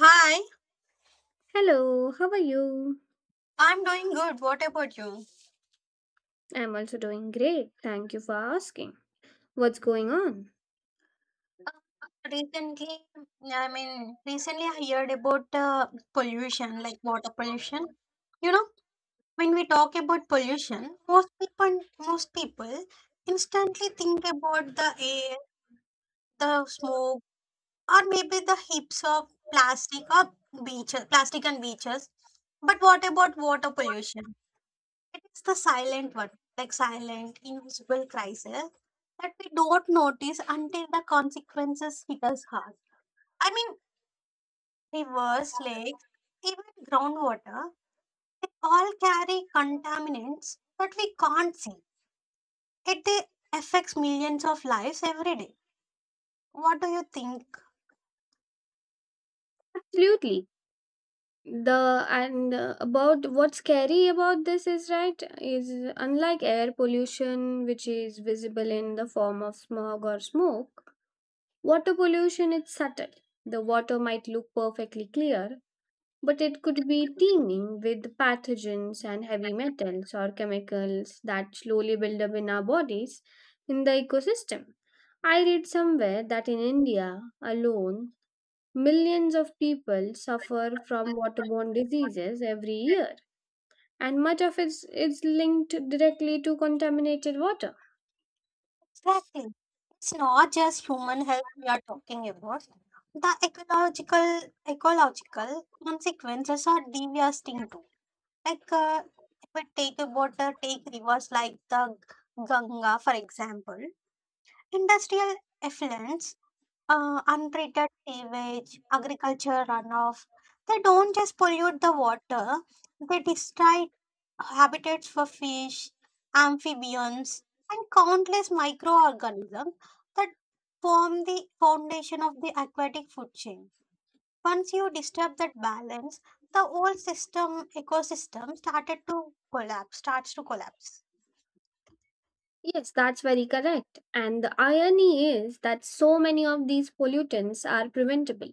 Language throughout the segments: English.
Hi, Hello, how are you? I'm doing good. What about you? I'm also doing great. Thank you for asking. What's going on? Uh, Recently, recently I heard about pollution, like water pollution. You know, when we talk about pollution, most people instantly think about the air, the smoke, or maybe the heaps of plastic or beaches, plastic and beaches. But what about water pollution? It's the silent one, like silent, invisible crisis that we don't notice until the consequences hit us hard. I mean, rivers, lakes, even groundwater, they all carry contaminants that we can't see. It affects millions of lives every day. What do you think? Absolutely. The and About what's scary about this is, right, is unlike air pollution which is visible in the form of smog or smoke, water pollution is subtle. The water might look perfectly clear, but it could be teeming with pathogens and heavy metals or chemicals that slowly build up in our bodies in the ecosystem. I read somewhere that in India alone, millions of people suffer from waterborne diseases every year, and much of it is linked directly to contaminated water. Exactly. It's not just human health we are talking about. The ecological consequences are devastating too. Like, uh, if we take rivers like the Ganga, for example, industrial effluents, untreated sewage, agriculture runoff, they don't just pollute the water, they destroy habitats for fish, amphibians, and countless microorganisms that form the foundation of the aquatic food chain. Once you disturb that balance, the whole system ecosystem started to collapse, starts to collapse. Yes, that's very correct. And the irony is that so many of these pollutants are preventable.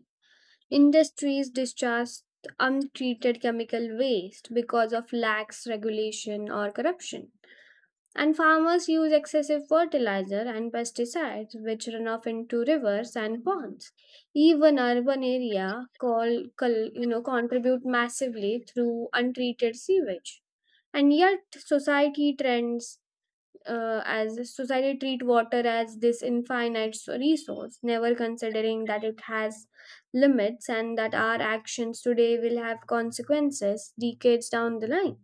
Industries discharge untreated chemical waste because of lax regulation or corruption. And farmers use excessive fertilizer and pesticides which run off into rivers and ponds. Even urban area call, col- you know, contribute massively through untreated sewage. And yet society trends society treat water as this resource, never considering that it has limits and that our actions today will have consequences decades down the line.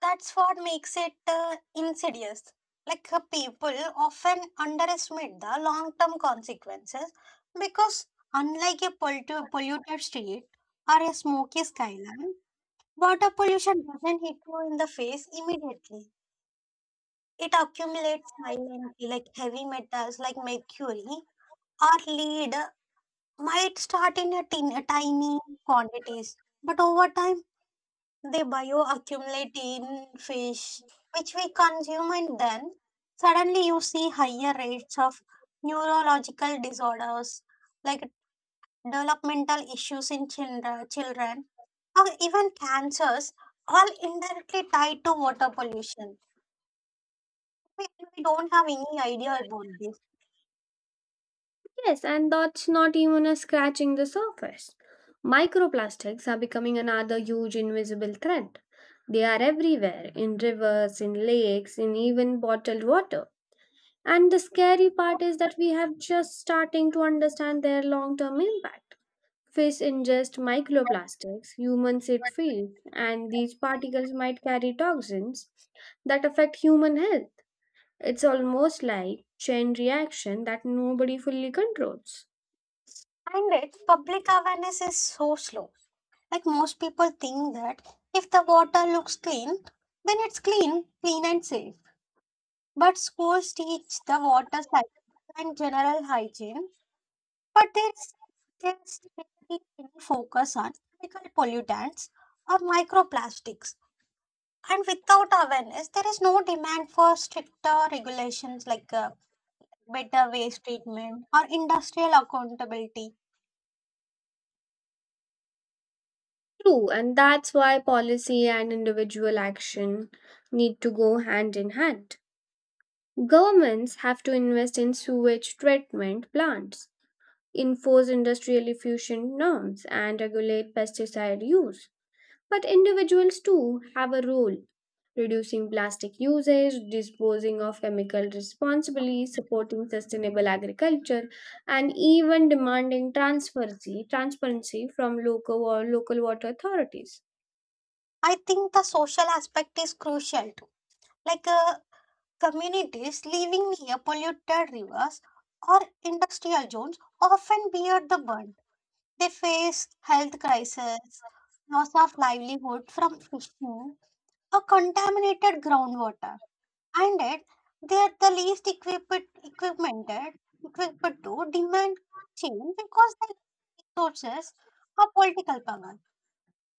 That's what makes it insidious. People often underestimate the long-term consequences because unlike a polluted street or a smoky skyline, water pollution doesn't hit you in the face immediately. It accumulates silently, like heavy metals like mercury, or lead might start in a tiny quantities, but over time they bioaccumulate in fish, which we consume, and then suddenly you see higher rates of neurological disorders like developmental issues in children, or even cancers, all indirectly tied to water pollution. We, we don't have any idea about this, Yes, and that's not even a scratching the surface. Microplastics are becoming another huge invisible threat. They are everywhere, in rivers, in lakes, in even bottled water, and the scary part is that we have just starting to understand their long term impact. Fish ingest microplastics, humans eat fish, and these particles might carry toxins that affect human health. It's almost like chain reaction that nobody fully controls. and it public awareness is so slow. Like most people think that if the water looks clean, then it's clean and safe. But schools teach the water cycle and general hygiene, but there's really any focus on chemical pollutants or microplastics. And without awareness, there is no demand for stricter regulations like better waste treatment or industrial accountability. True, and that's why policy and individual action need to go hand in hand. Governments have to invest in sewage treatment plants, enforce industrial efficient norms, and regulate pesticide use. But individuals too have a role. Reducing plastic usage, disposing of chemical responsibly, supporting sustainable agriculture, and even demanding transparency, from local or local water authorities. I think the social aspect is crucial too. Like uh, Communities living near polluted rivers or industrial zones often bear the burn. They face health crises, loss of livelihood from fishing, or contaminated groundwater, and yet they are the least equipped to demand change because they lack resources or political power.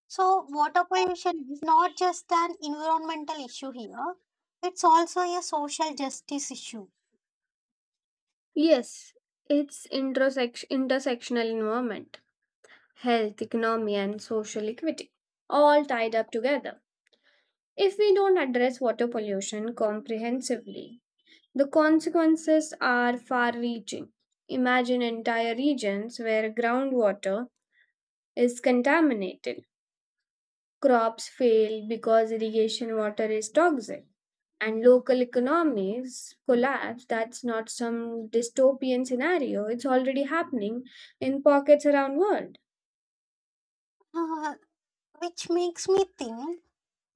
So, water pollution is not just an environmental issue here, it's also a social justice issue. Yes, it's intersectional environment, health, economy, and social equity, all tied up together. If we don't address water pollution comprehensively, the consequences are far reaching. Imagine entire regions where groundwater is contaminated, crops fail because irrigation water is toxic, and local economies collapse. That's not some dystopian scenario, it's already happening in pockets around world. Uh, which makes me think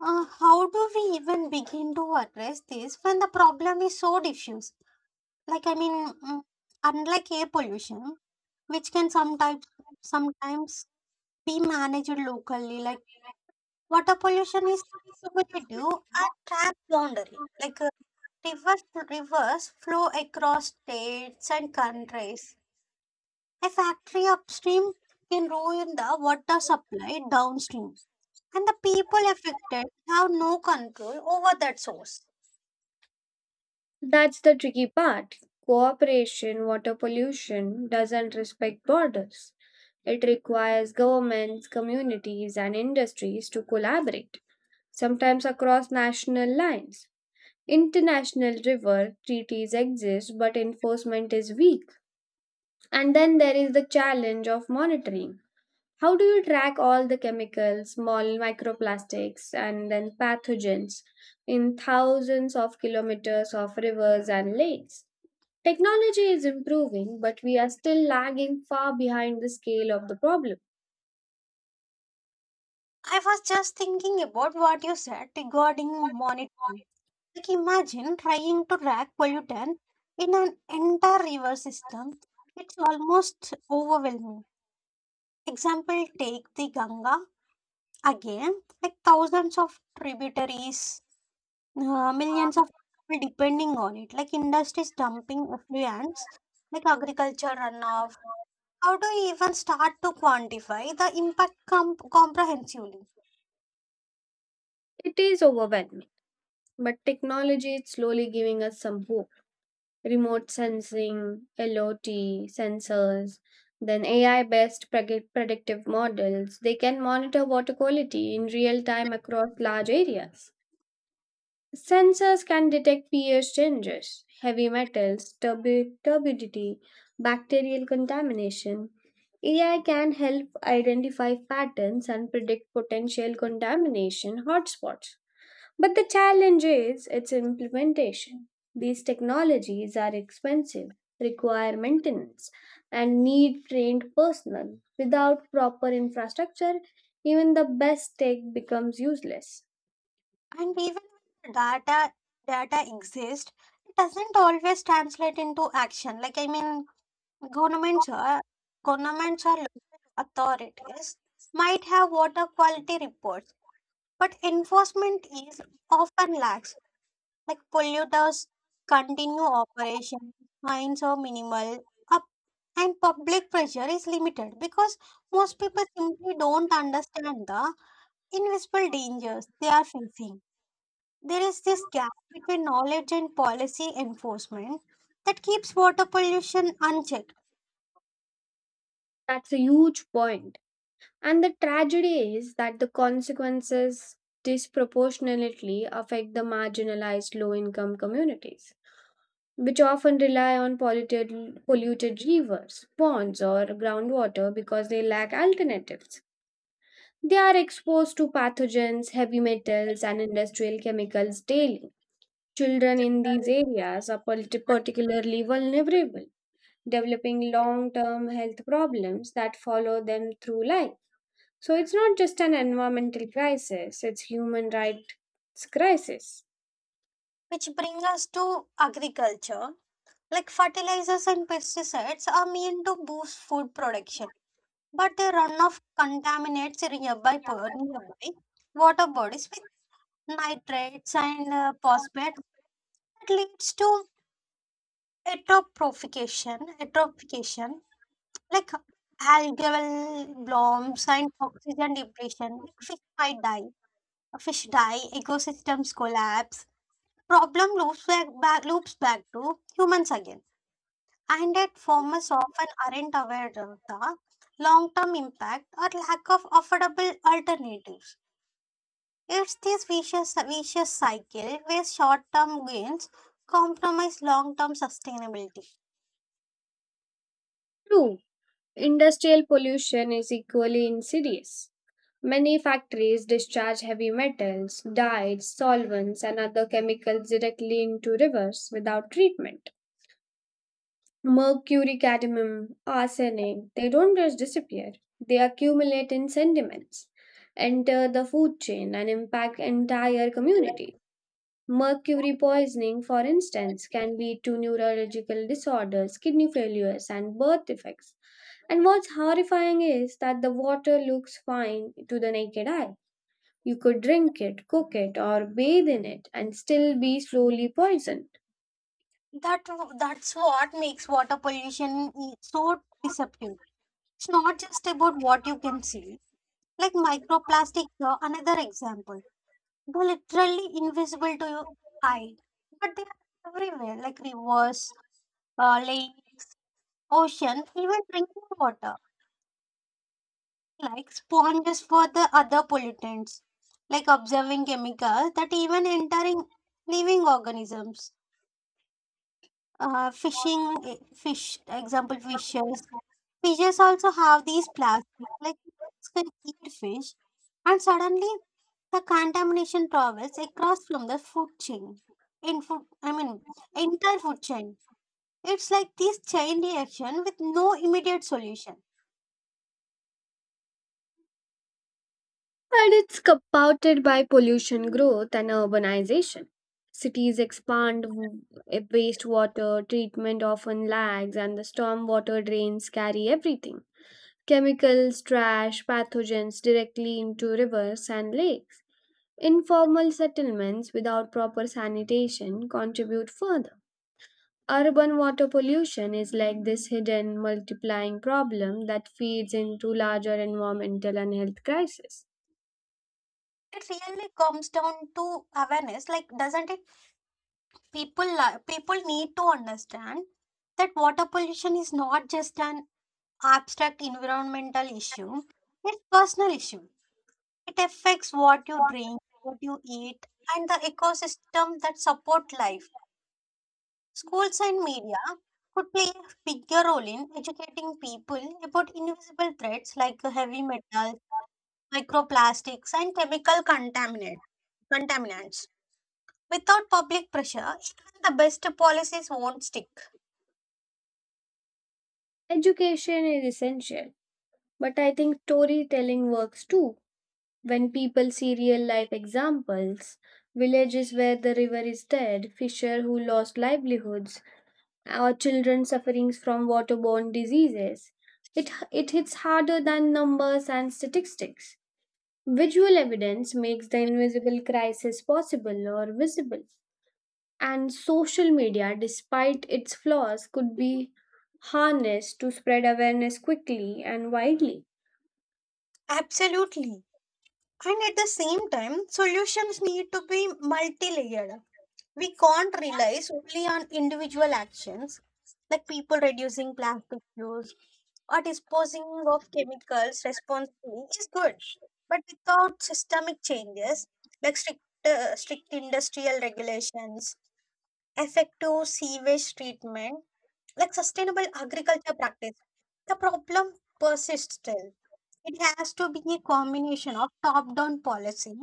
how do we even begin to address this when the problem is so diffuse. like i mean mm, Unlike air pollution which can sometimes be managed locally, like water pollution is cumulative and transboundary. Like uh, reverse reverse flow across states and countries. A factory upstream can ruin the water supply downstream, and the people affected have no control over that source. That's the tricky part. Cooperation, water pollution doesn't respect borders. It requires governments, communities, and industries to collaborate, sometimes across national lines. International river treaties exist, but enforcement is weak. And then there is the challenge of monitoring. How do you track all the chemicals, small microplastics, and then pathogens in thousands of kilometers of rivers and lakes? Technology is improving, but we are still lagging far behind the scale of the problem. I was just thinking about what you said regarding monitoring. Like imagine trying to track pollutant in an entire river system. It's almost overwhelming. Example, take the Ganga again, like thousands of tributaries, millions of people depending on it, like industries dumping effluents, like agriculture runoff. How do you even start to quantify the impact comprehensively? It is overwhelming, but technology is slowly giving us some hope. Remote sensing, LOT, sensors, then AI based predictive models, they can monitor water quality in real time across large areas. Sensors can detect pH changes, heavy metals, turbidity, bacterial contamination. AI can help identify patterns and predict potential contamination hotspots. But the challenge is its implementation. These technologies are expensive, require maintenance, and need trained personnel. Without proper infrastructure, even the best tech becomes useless. And even when the data exists, it doesn't always translate into action. Like I mean, governments are governments or local authorities might have water quality reports, but enforcement is often lacks. Like polluters continue operations, fines are minimal, up and public pressure is limited because most people simply don't understand the invisible dangers they are facing. There is this gap between knowledge and policy enforcement that keeps water pollution unchecked, That's a huge point. And the tragedy is that the consequences disproportionately affect the marginalized low income communities, which often rely on polluted rivers, ponds, or groundwater because they lack alternatives. They are exposed to pathogens, heavy metals, and industrial chemicals daily. Children in these areas are particularly vulnerable, developing long term health problems that follow them through life. So it's not just an environmental crisis, it's human rights crisis. which brings us to agriculture. Like fertilizers and pesticides are meant to boost food production but the runoff contaminates nearby water bodies with nitrates and phosphate that leads to eutrophication like algal blooms and oxygen depletion. Like fish might die. Fish die, ecosystems collapse, problem loops back to humans again. And that farmers often aren't aware of the long-term impact or lack of affordable alternatives. It's this vicious cycle where short term gains compromise long term sustainability. Two, industrial pollution is equally insidious. Many factories discharge heavy metals, dyes, solvents, and other chemicals directly into rivers without treatment. Mercury, cadmium, arsenic, they don't just disappear, they accumulate in sediments, enter the food chain, and impact entire communities. Mercury poisoning, for instance, can lead to neurological disorders, kidney failures, and birth defects. And what's horrifying is that the water looks fine to the naked eye. You could drink it, cook it, or bathe in it and still be slowly poisoned. That, that's what makes water pollution so deceptive. It's not just about what you can see. Like microplastics are another example. They're literally invisible to your eye, but they are everywhere, like rivers, lakes, ocean, even drinking water. Like sponges for the other pollutants, like observing chemicals that even entering living organisms. Fishing, eh, fish, example, fishes. Fishes also have these plastics, like it's can eat fish, and suddenly the contamination travels across from the food chain. In food, I mean, entire food chain. It's like this chain reaction with no immediate solution. And it's compounded by pollution growth and urbanization. Cities expand, wastewater treatment often lags, and the stormwater drains carry everything. Chemicals, trash, pathogens directly into rivers and lakes. Informal settlements without proper sanitation contribute further. Urban water pollution is like this hidden multiplying problem that feeds into larger environmental and health crises. It really comes down to awareness, like, doesn't it? People need to understand that water pollution is not just an abstract environmental issue, it's personal issue. It affects what you drink, what you eat, and the ecosystem that support life. Schools and media could play a bigger role in educating people about invisible threats like heavy metals, microplastics and chemical contaminant contaminants. Without public pressure even the best policies won't stick. Education is essential, but I think storytelling works too. When people see real life examples, villages where the river is dead, fisher who lost livelihoods, or children suffering from waterborne diseases. It hits harder than numbers and statistics. Visual evidence makes the invisible crisis possible or visible. And social media, despite its flaws, could be harnessed to spread awareness quickly and widely. Absolutely. And at the same time, solutions need to be multi layered. We can't rely solely on individual actions like people reducing plastic use or disposing of chemicals responsibly is good. But without systemic changes like strict industrial regulations, effective sewage treatment, like sustainable agriculture practice, the problem persists still. It has to be a combination of top down policy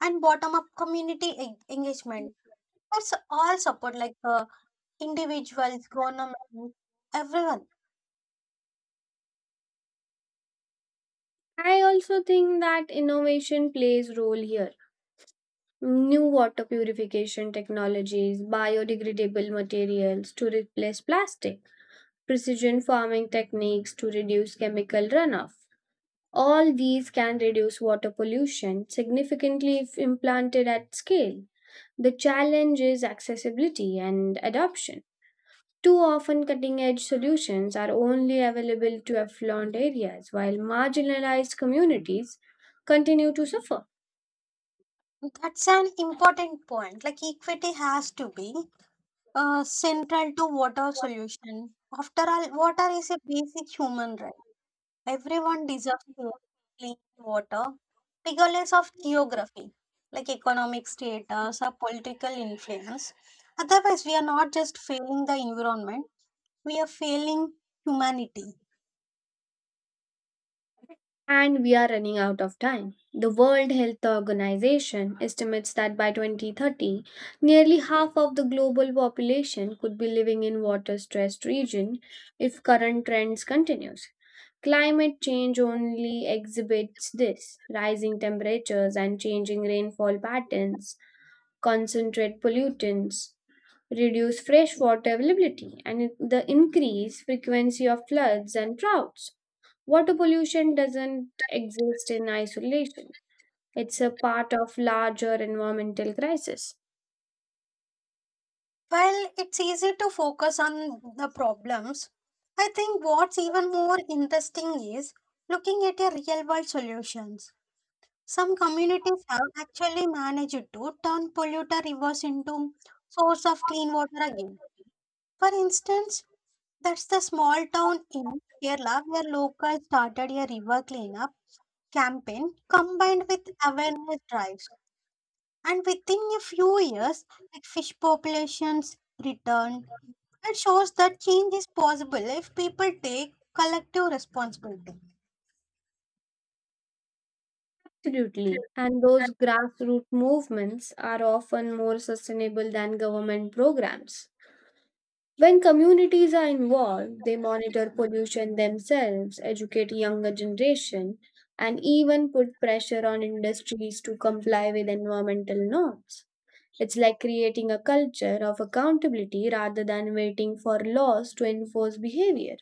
and bottom up community engagement. That's all support, like individuals, government, everyone. I also think that innovation plays role here. New water purification technologies, biodegradable materials to replace plastic precision farming techniques to reduce chemical runoff. All these can reduce water pollution significantly if implanted at scale. The challenge is accessibility and adoption. Too often, cutting edge solutions are only available to affluent areas, while marginalized communities continue to suffer. That's an important point. Like equity has to be central to water solution. After all, water is a basic human right. Everyone deserves to clean water, regardless of geography, like economic status or political influence. Otherwise, we are not just failing the environment, we are failing humanity. And we are running out of time. The World Health Organization estimates that by 2030, nearly half of the global population could be living in water-stressed region if current trends continues. Climate change only exhibits this. Rising temperatures and changing rainfall patterns concentrate pollutants, reduce freshwater availability, and the increased frequency of floods and droughts. Water pollution doesn't exist in isolation. It's a part of larger environmental crisis. While it's easy to focus on the problems, I think what's even more interesting is looking at a real world solutions. Some communities have actually managed to turn polluter rivers into source of clean water again. For instance, that's the small town in Kerala where locals started a river cleanup campaign combined with awareness drives. And within a few years, like fish populations returned. It shows that change is possible if people take collective responsibility. Absolutely. And those grassroots movements are often more sustainable than government programs. When communities are involved, they monitor pollution themselves, educate younger generation, and even put pressure on industries to comply with environmental norms. It's like creating a culture of accountability rather than waiting for laws to enforce behavior.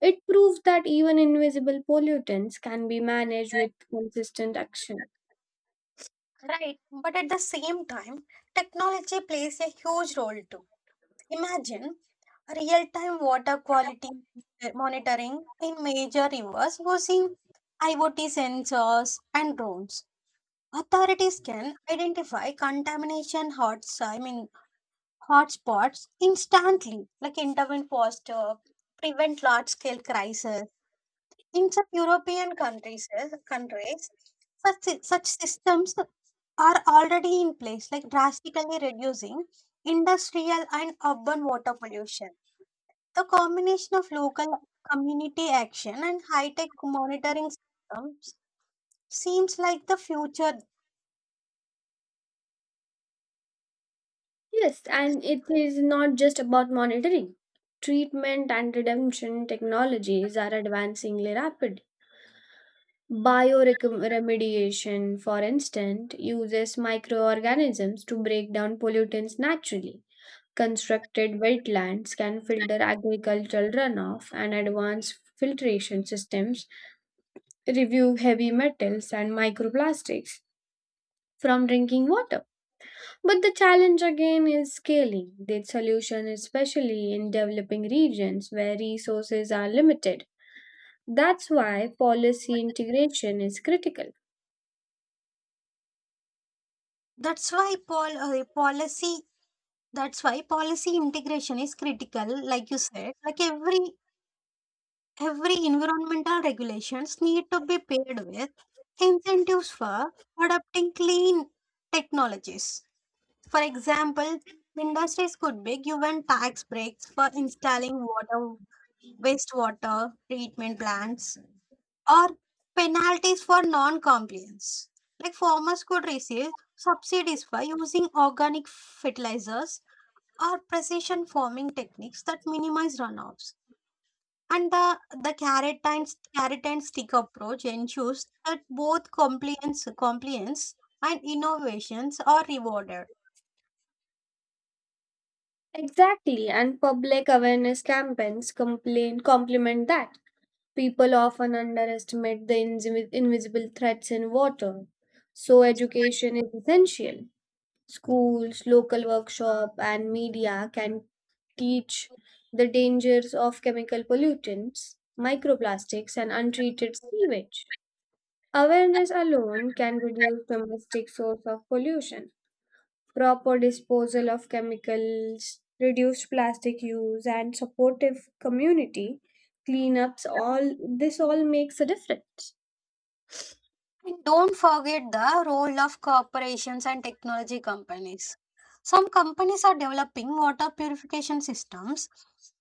It proves that even invisible pollutants can be managed with consistent action. Right. But at the same time, technology plays a huge role too. Imagine real-time water quality monitoring in major rivers using IoT sensors and drones. Authorities can identify contamination hots, I mean hotspots instantly, like intervene faster, prevent large-scale crises. In some countries, such systems are already in place, like drastically reducing industrial and urban water pollution. The combination of local community action and high-tech monitoring systems seems like the future. Yes, and it is not just about monitoring. Treatment and redemption technologies are advancing rapidly. Bioremediation, for instance, uses microorganisms to break down pollutants naturally. Constructed wetlands can filter agricultural runoff, and advanced filtration systems remove heavy metals and microplastics from drinking water. But the challenge again is scaling the solution, especially in developing regions where resources are limited. That's why policy integration is critical. That's why pol- policy. That's why policy integration is critical. Like you said, like every environmental regulations need to be paired with incentives for adopting clean technologies. For example, industries could be given tax breaks for installing water wastewater treatment plants, or penalties for non compliance. Like farmers could receive subsidies for using organic fertilizers or precision farming techniques that minimize runoffs. And the carrot and stick approach ensures that both compliance and innovations are rewarded. Exactly, and public awareness campaigns complement that. People often underestimate the invisible threats in water, so education is essential. Schools, local workshop, and media can teach the dangers of chemical pollutants, microplastics, and untreated sewage. Awareness alone can reduce domestic source of pollution. Proper disposal of chemicals, reduced plastic use, and supportive community cleanups all this all makes a difference. And don't forget the role of corporations and technology companies. Some companies are developing water purification systems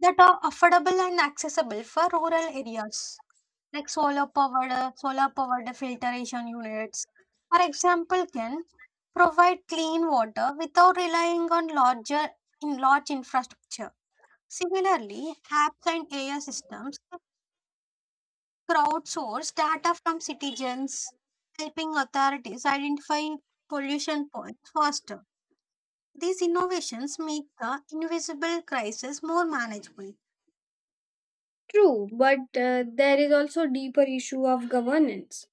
that are affordable and accessible for rural areas, like solar powered filtration units. For example, can provide clean water without relying on larger in large infrastructure. Similarly, apps and AI systems crowdsource data from citizens, helping authorities identify pollution points faster. These innovations make the invisible crisis more manageable. True, but there is also deeper issue of governance.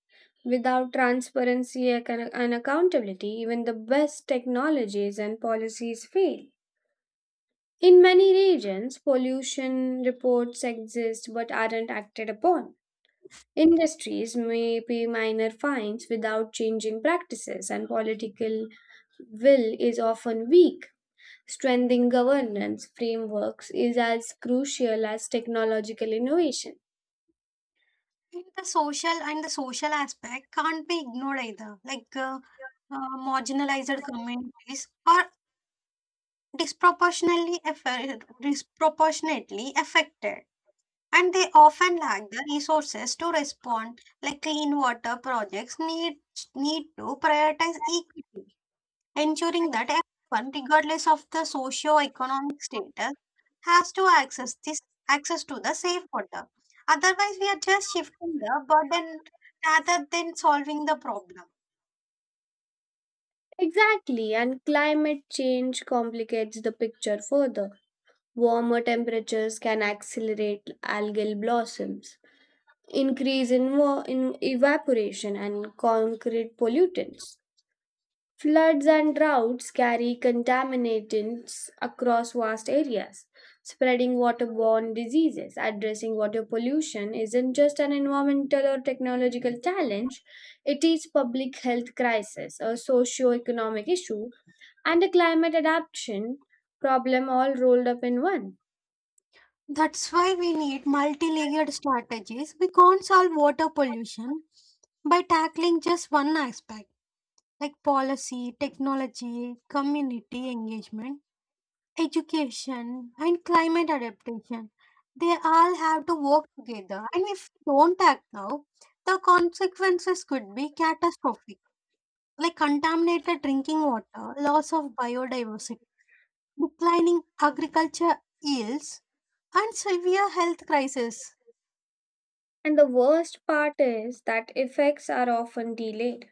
Without transparency ac- and accountability, even the best technologies and policies fail. In many regions, pollution reports exist but aren't acted upon. Industries may pay minor fines without changing practices, and political will is often weak. Strengthening governance frameworks is as crucial as technological innovation. And the social aspect can't be ignored either, marginalized communities are disproportionately affected, and they often lack the resources to respond. Like clean water projects need to prioritize equity, ensuring that everyone, regardless of the socio-economic status, has to access to the safe water. Otherwise, we are just shifting the burden rather than solving the problem. Exactly, and climate change complicates the picture further. Warmer temperatures can accelerate algal blossoms, increase in evaporation, and concrete pollutants. Floods and droughts carry contaminants across vast areas, spreading waterborne diseases. Addressing water pollution isn't just an environmental or technological challenge, it is public health crisis, a socio-economic issue, and a climate adaptation problem all rolled up in one. That's why we need multi-layered strategies. We can't solve water pollution by tackling just one aspect, like policy, technology, community engagement, education, and climate adaptation. They all have to work together, and if we don't act now, the consequences could be catastrophic, like contaminated drinking water, loss of biodiversity, declining agriculture yields, and severe health crisis. And the worst part is that effects are often delayed.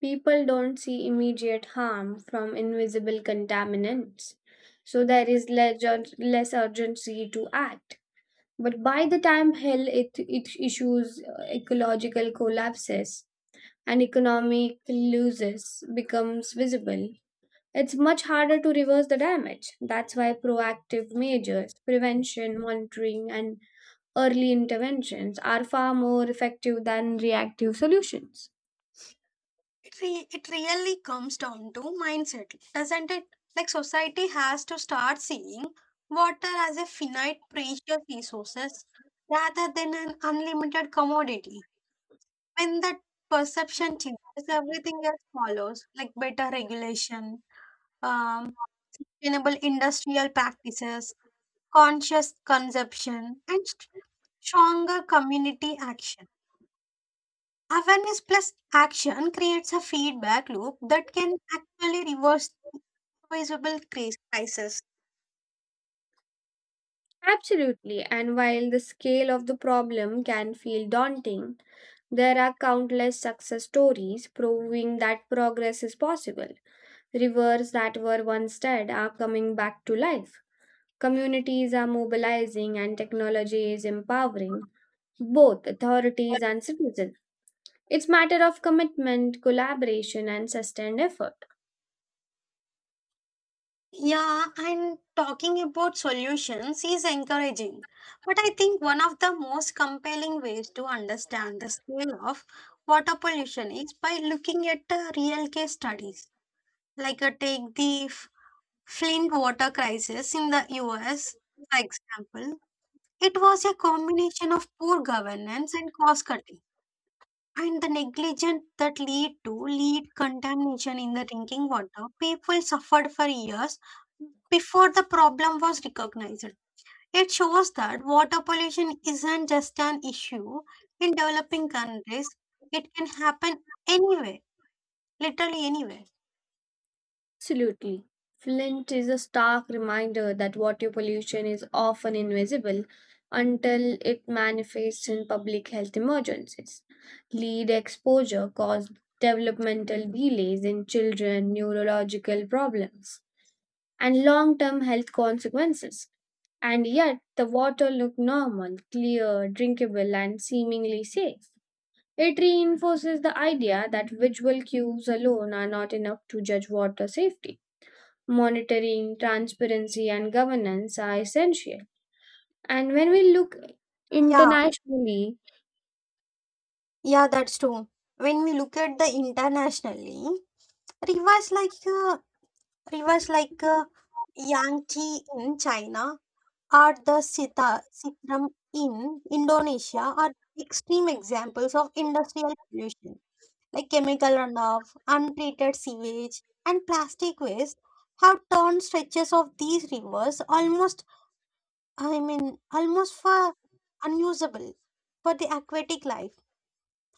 People don't see immediate harm from invisible contaminants, so there is less urgency to act. But by the time health it, it issues, ecological collapses, and economic losses becomes visible, it's much harder to reverse the damage. That's why proactive measures, prevention, monitoring, and early interventions are far more effective than reactive solutions. It it really comes down to mindset, doesn't it? Like society has to start seeing water as a finite precious resources rather than an unlimited commodity. When that perception changes everything else follows, like better regulation, um, sustainable industrial practices, conscious consumption and stronger community action. Awareness plus action creates a feedback loop that can actually reverse crisis. Absolutely, and while the scale of the problem can feel daunting, there are countless success stories proving that progress is possible. Rivers that were once dead are coming back to life. Communities are mobilizing and technology is empowering both authorities and citizens. It's matter of commitment, collaboration and sustained effort. Yeah, and talking about solutions is encouraging. But I think one of the most compelling ways to understand the scale of water pollution is by looking at the real case studies. Take the Flint water crisis in the US, for example. It was a combination of poor governance and cost cutting. And the negligence that lead to lead contamination in the drinking water. People suffered for years before the problem was recognized. It shows that water pollution isn't just an issue in developing countries. It can happen anywhere, literally anywhere. Absolutely. Flint is a stark reminder that water pollution is often invisible until it manifests in public health emergencies. Lead exposure caused developmental delays in children, neurological problems, and long term health consequences. And yet, the water looked normal, clear, drinkable, and seemingly safe. It reinforces the idea that visual cues alone are not enough to judge water safety monitoring, transparency, and governance are essential. And when we look Yeah, internationally, yeah, that's true. When we look at the internationally, rivers like uh, rivers like Yangtze in China are the sitram in Indonesia are extreme examples of industrial pollution, like chemical runoff, untreated sewage, and plastic waste have turned stretches of these rivers almost for unusable for the aquatic life.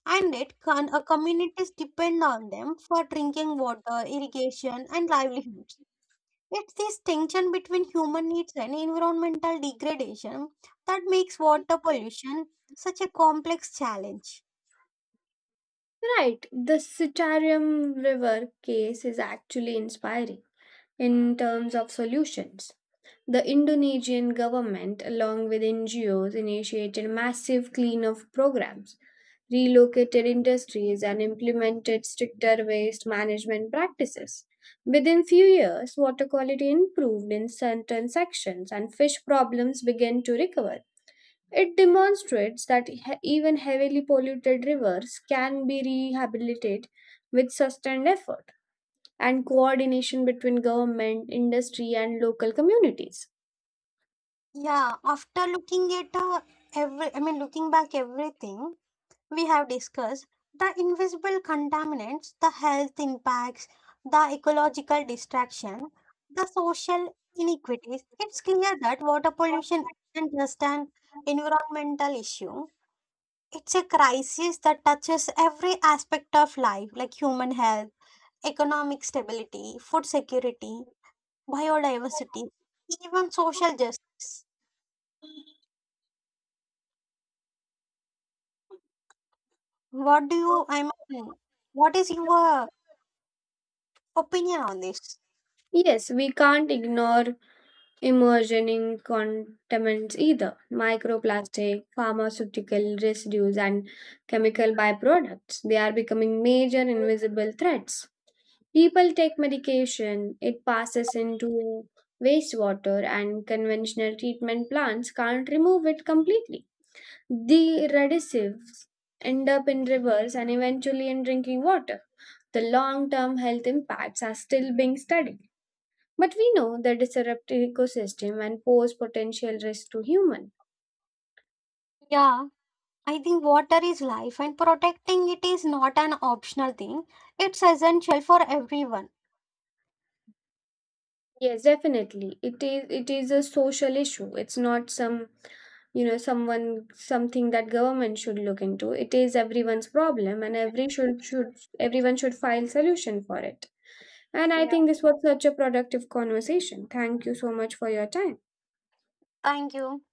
And it can, communities depend on them for drinking water, irrigation, and livelihood. It's this tension between human needs and environmental degradation that makes water pollution such a complex challenge. right, the Sitarium River case is actually inspiring. In terms of solutions, the Indonesian government, along with NGOs, initiated massive cleanup programs, relocated industries, and implemented stricter waste management practices. Within few years, water quality improved in certain sections and fish problems began to recover. It demonstrates that even heavily polluted rivers can be rehabilitated with sustained effort and coordination between government, industry, and local communities. Yeah, after looking at looking back everything we have discussed, the invisible contaminants, the health impacts, the ecological distraction, the social inequities, it's clear that water pollution isn't just an environmental issue. It's a crisis that touches every aspect of life, like human health, economic stability, food security, biodiversity, even social justice. What do you, I mean, What is your opinion on this? Yes, we can't ignore emerging contaminants either microplastic, pharmaceutical residues, and chemical byproducts. They are becoming major invisible threats. People take medication, it passes into wastewater, and conventional treatment plants can't remove it completely. The radicals end up in rivers and eventually in drinking water. The long term health impacts are still being studied, but we know the disruptive ecosystem and pose potential risk to human. Yeah, I think water is life, and protecting it is not an optional thing, it's essential for everyone. Yes, definitely. It is a social issue. It's not some someone something that government should look into. It is everyone's problem and everyone should find solution for it. And I think Yeah. this was such a productive conversation. Thank you so much for your time. Thank you.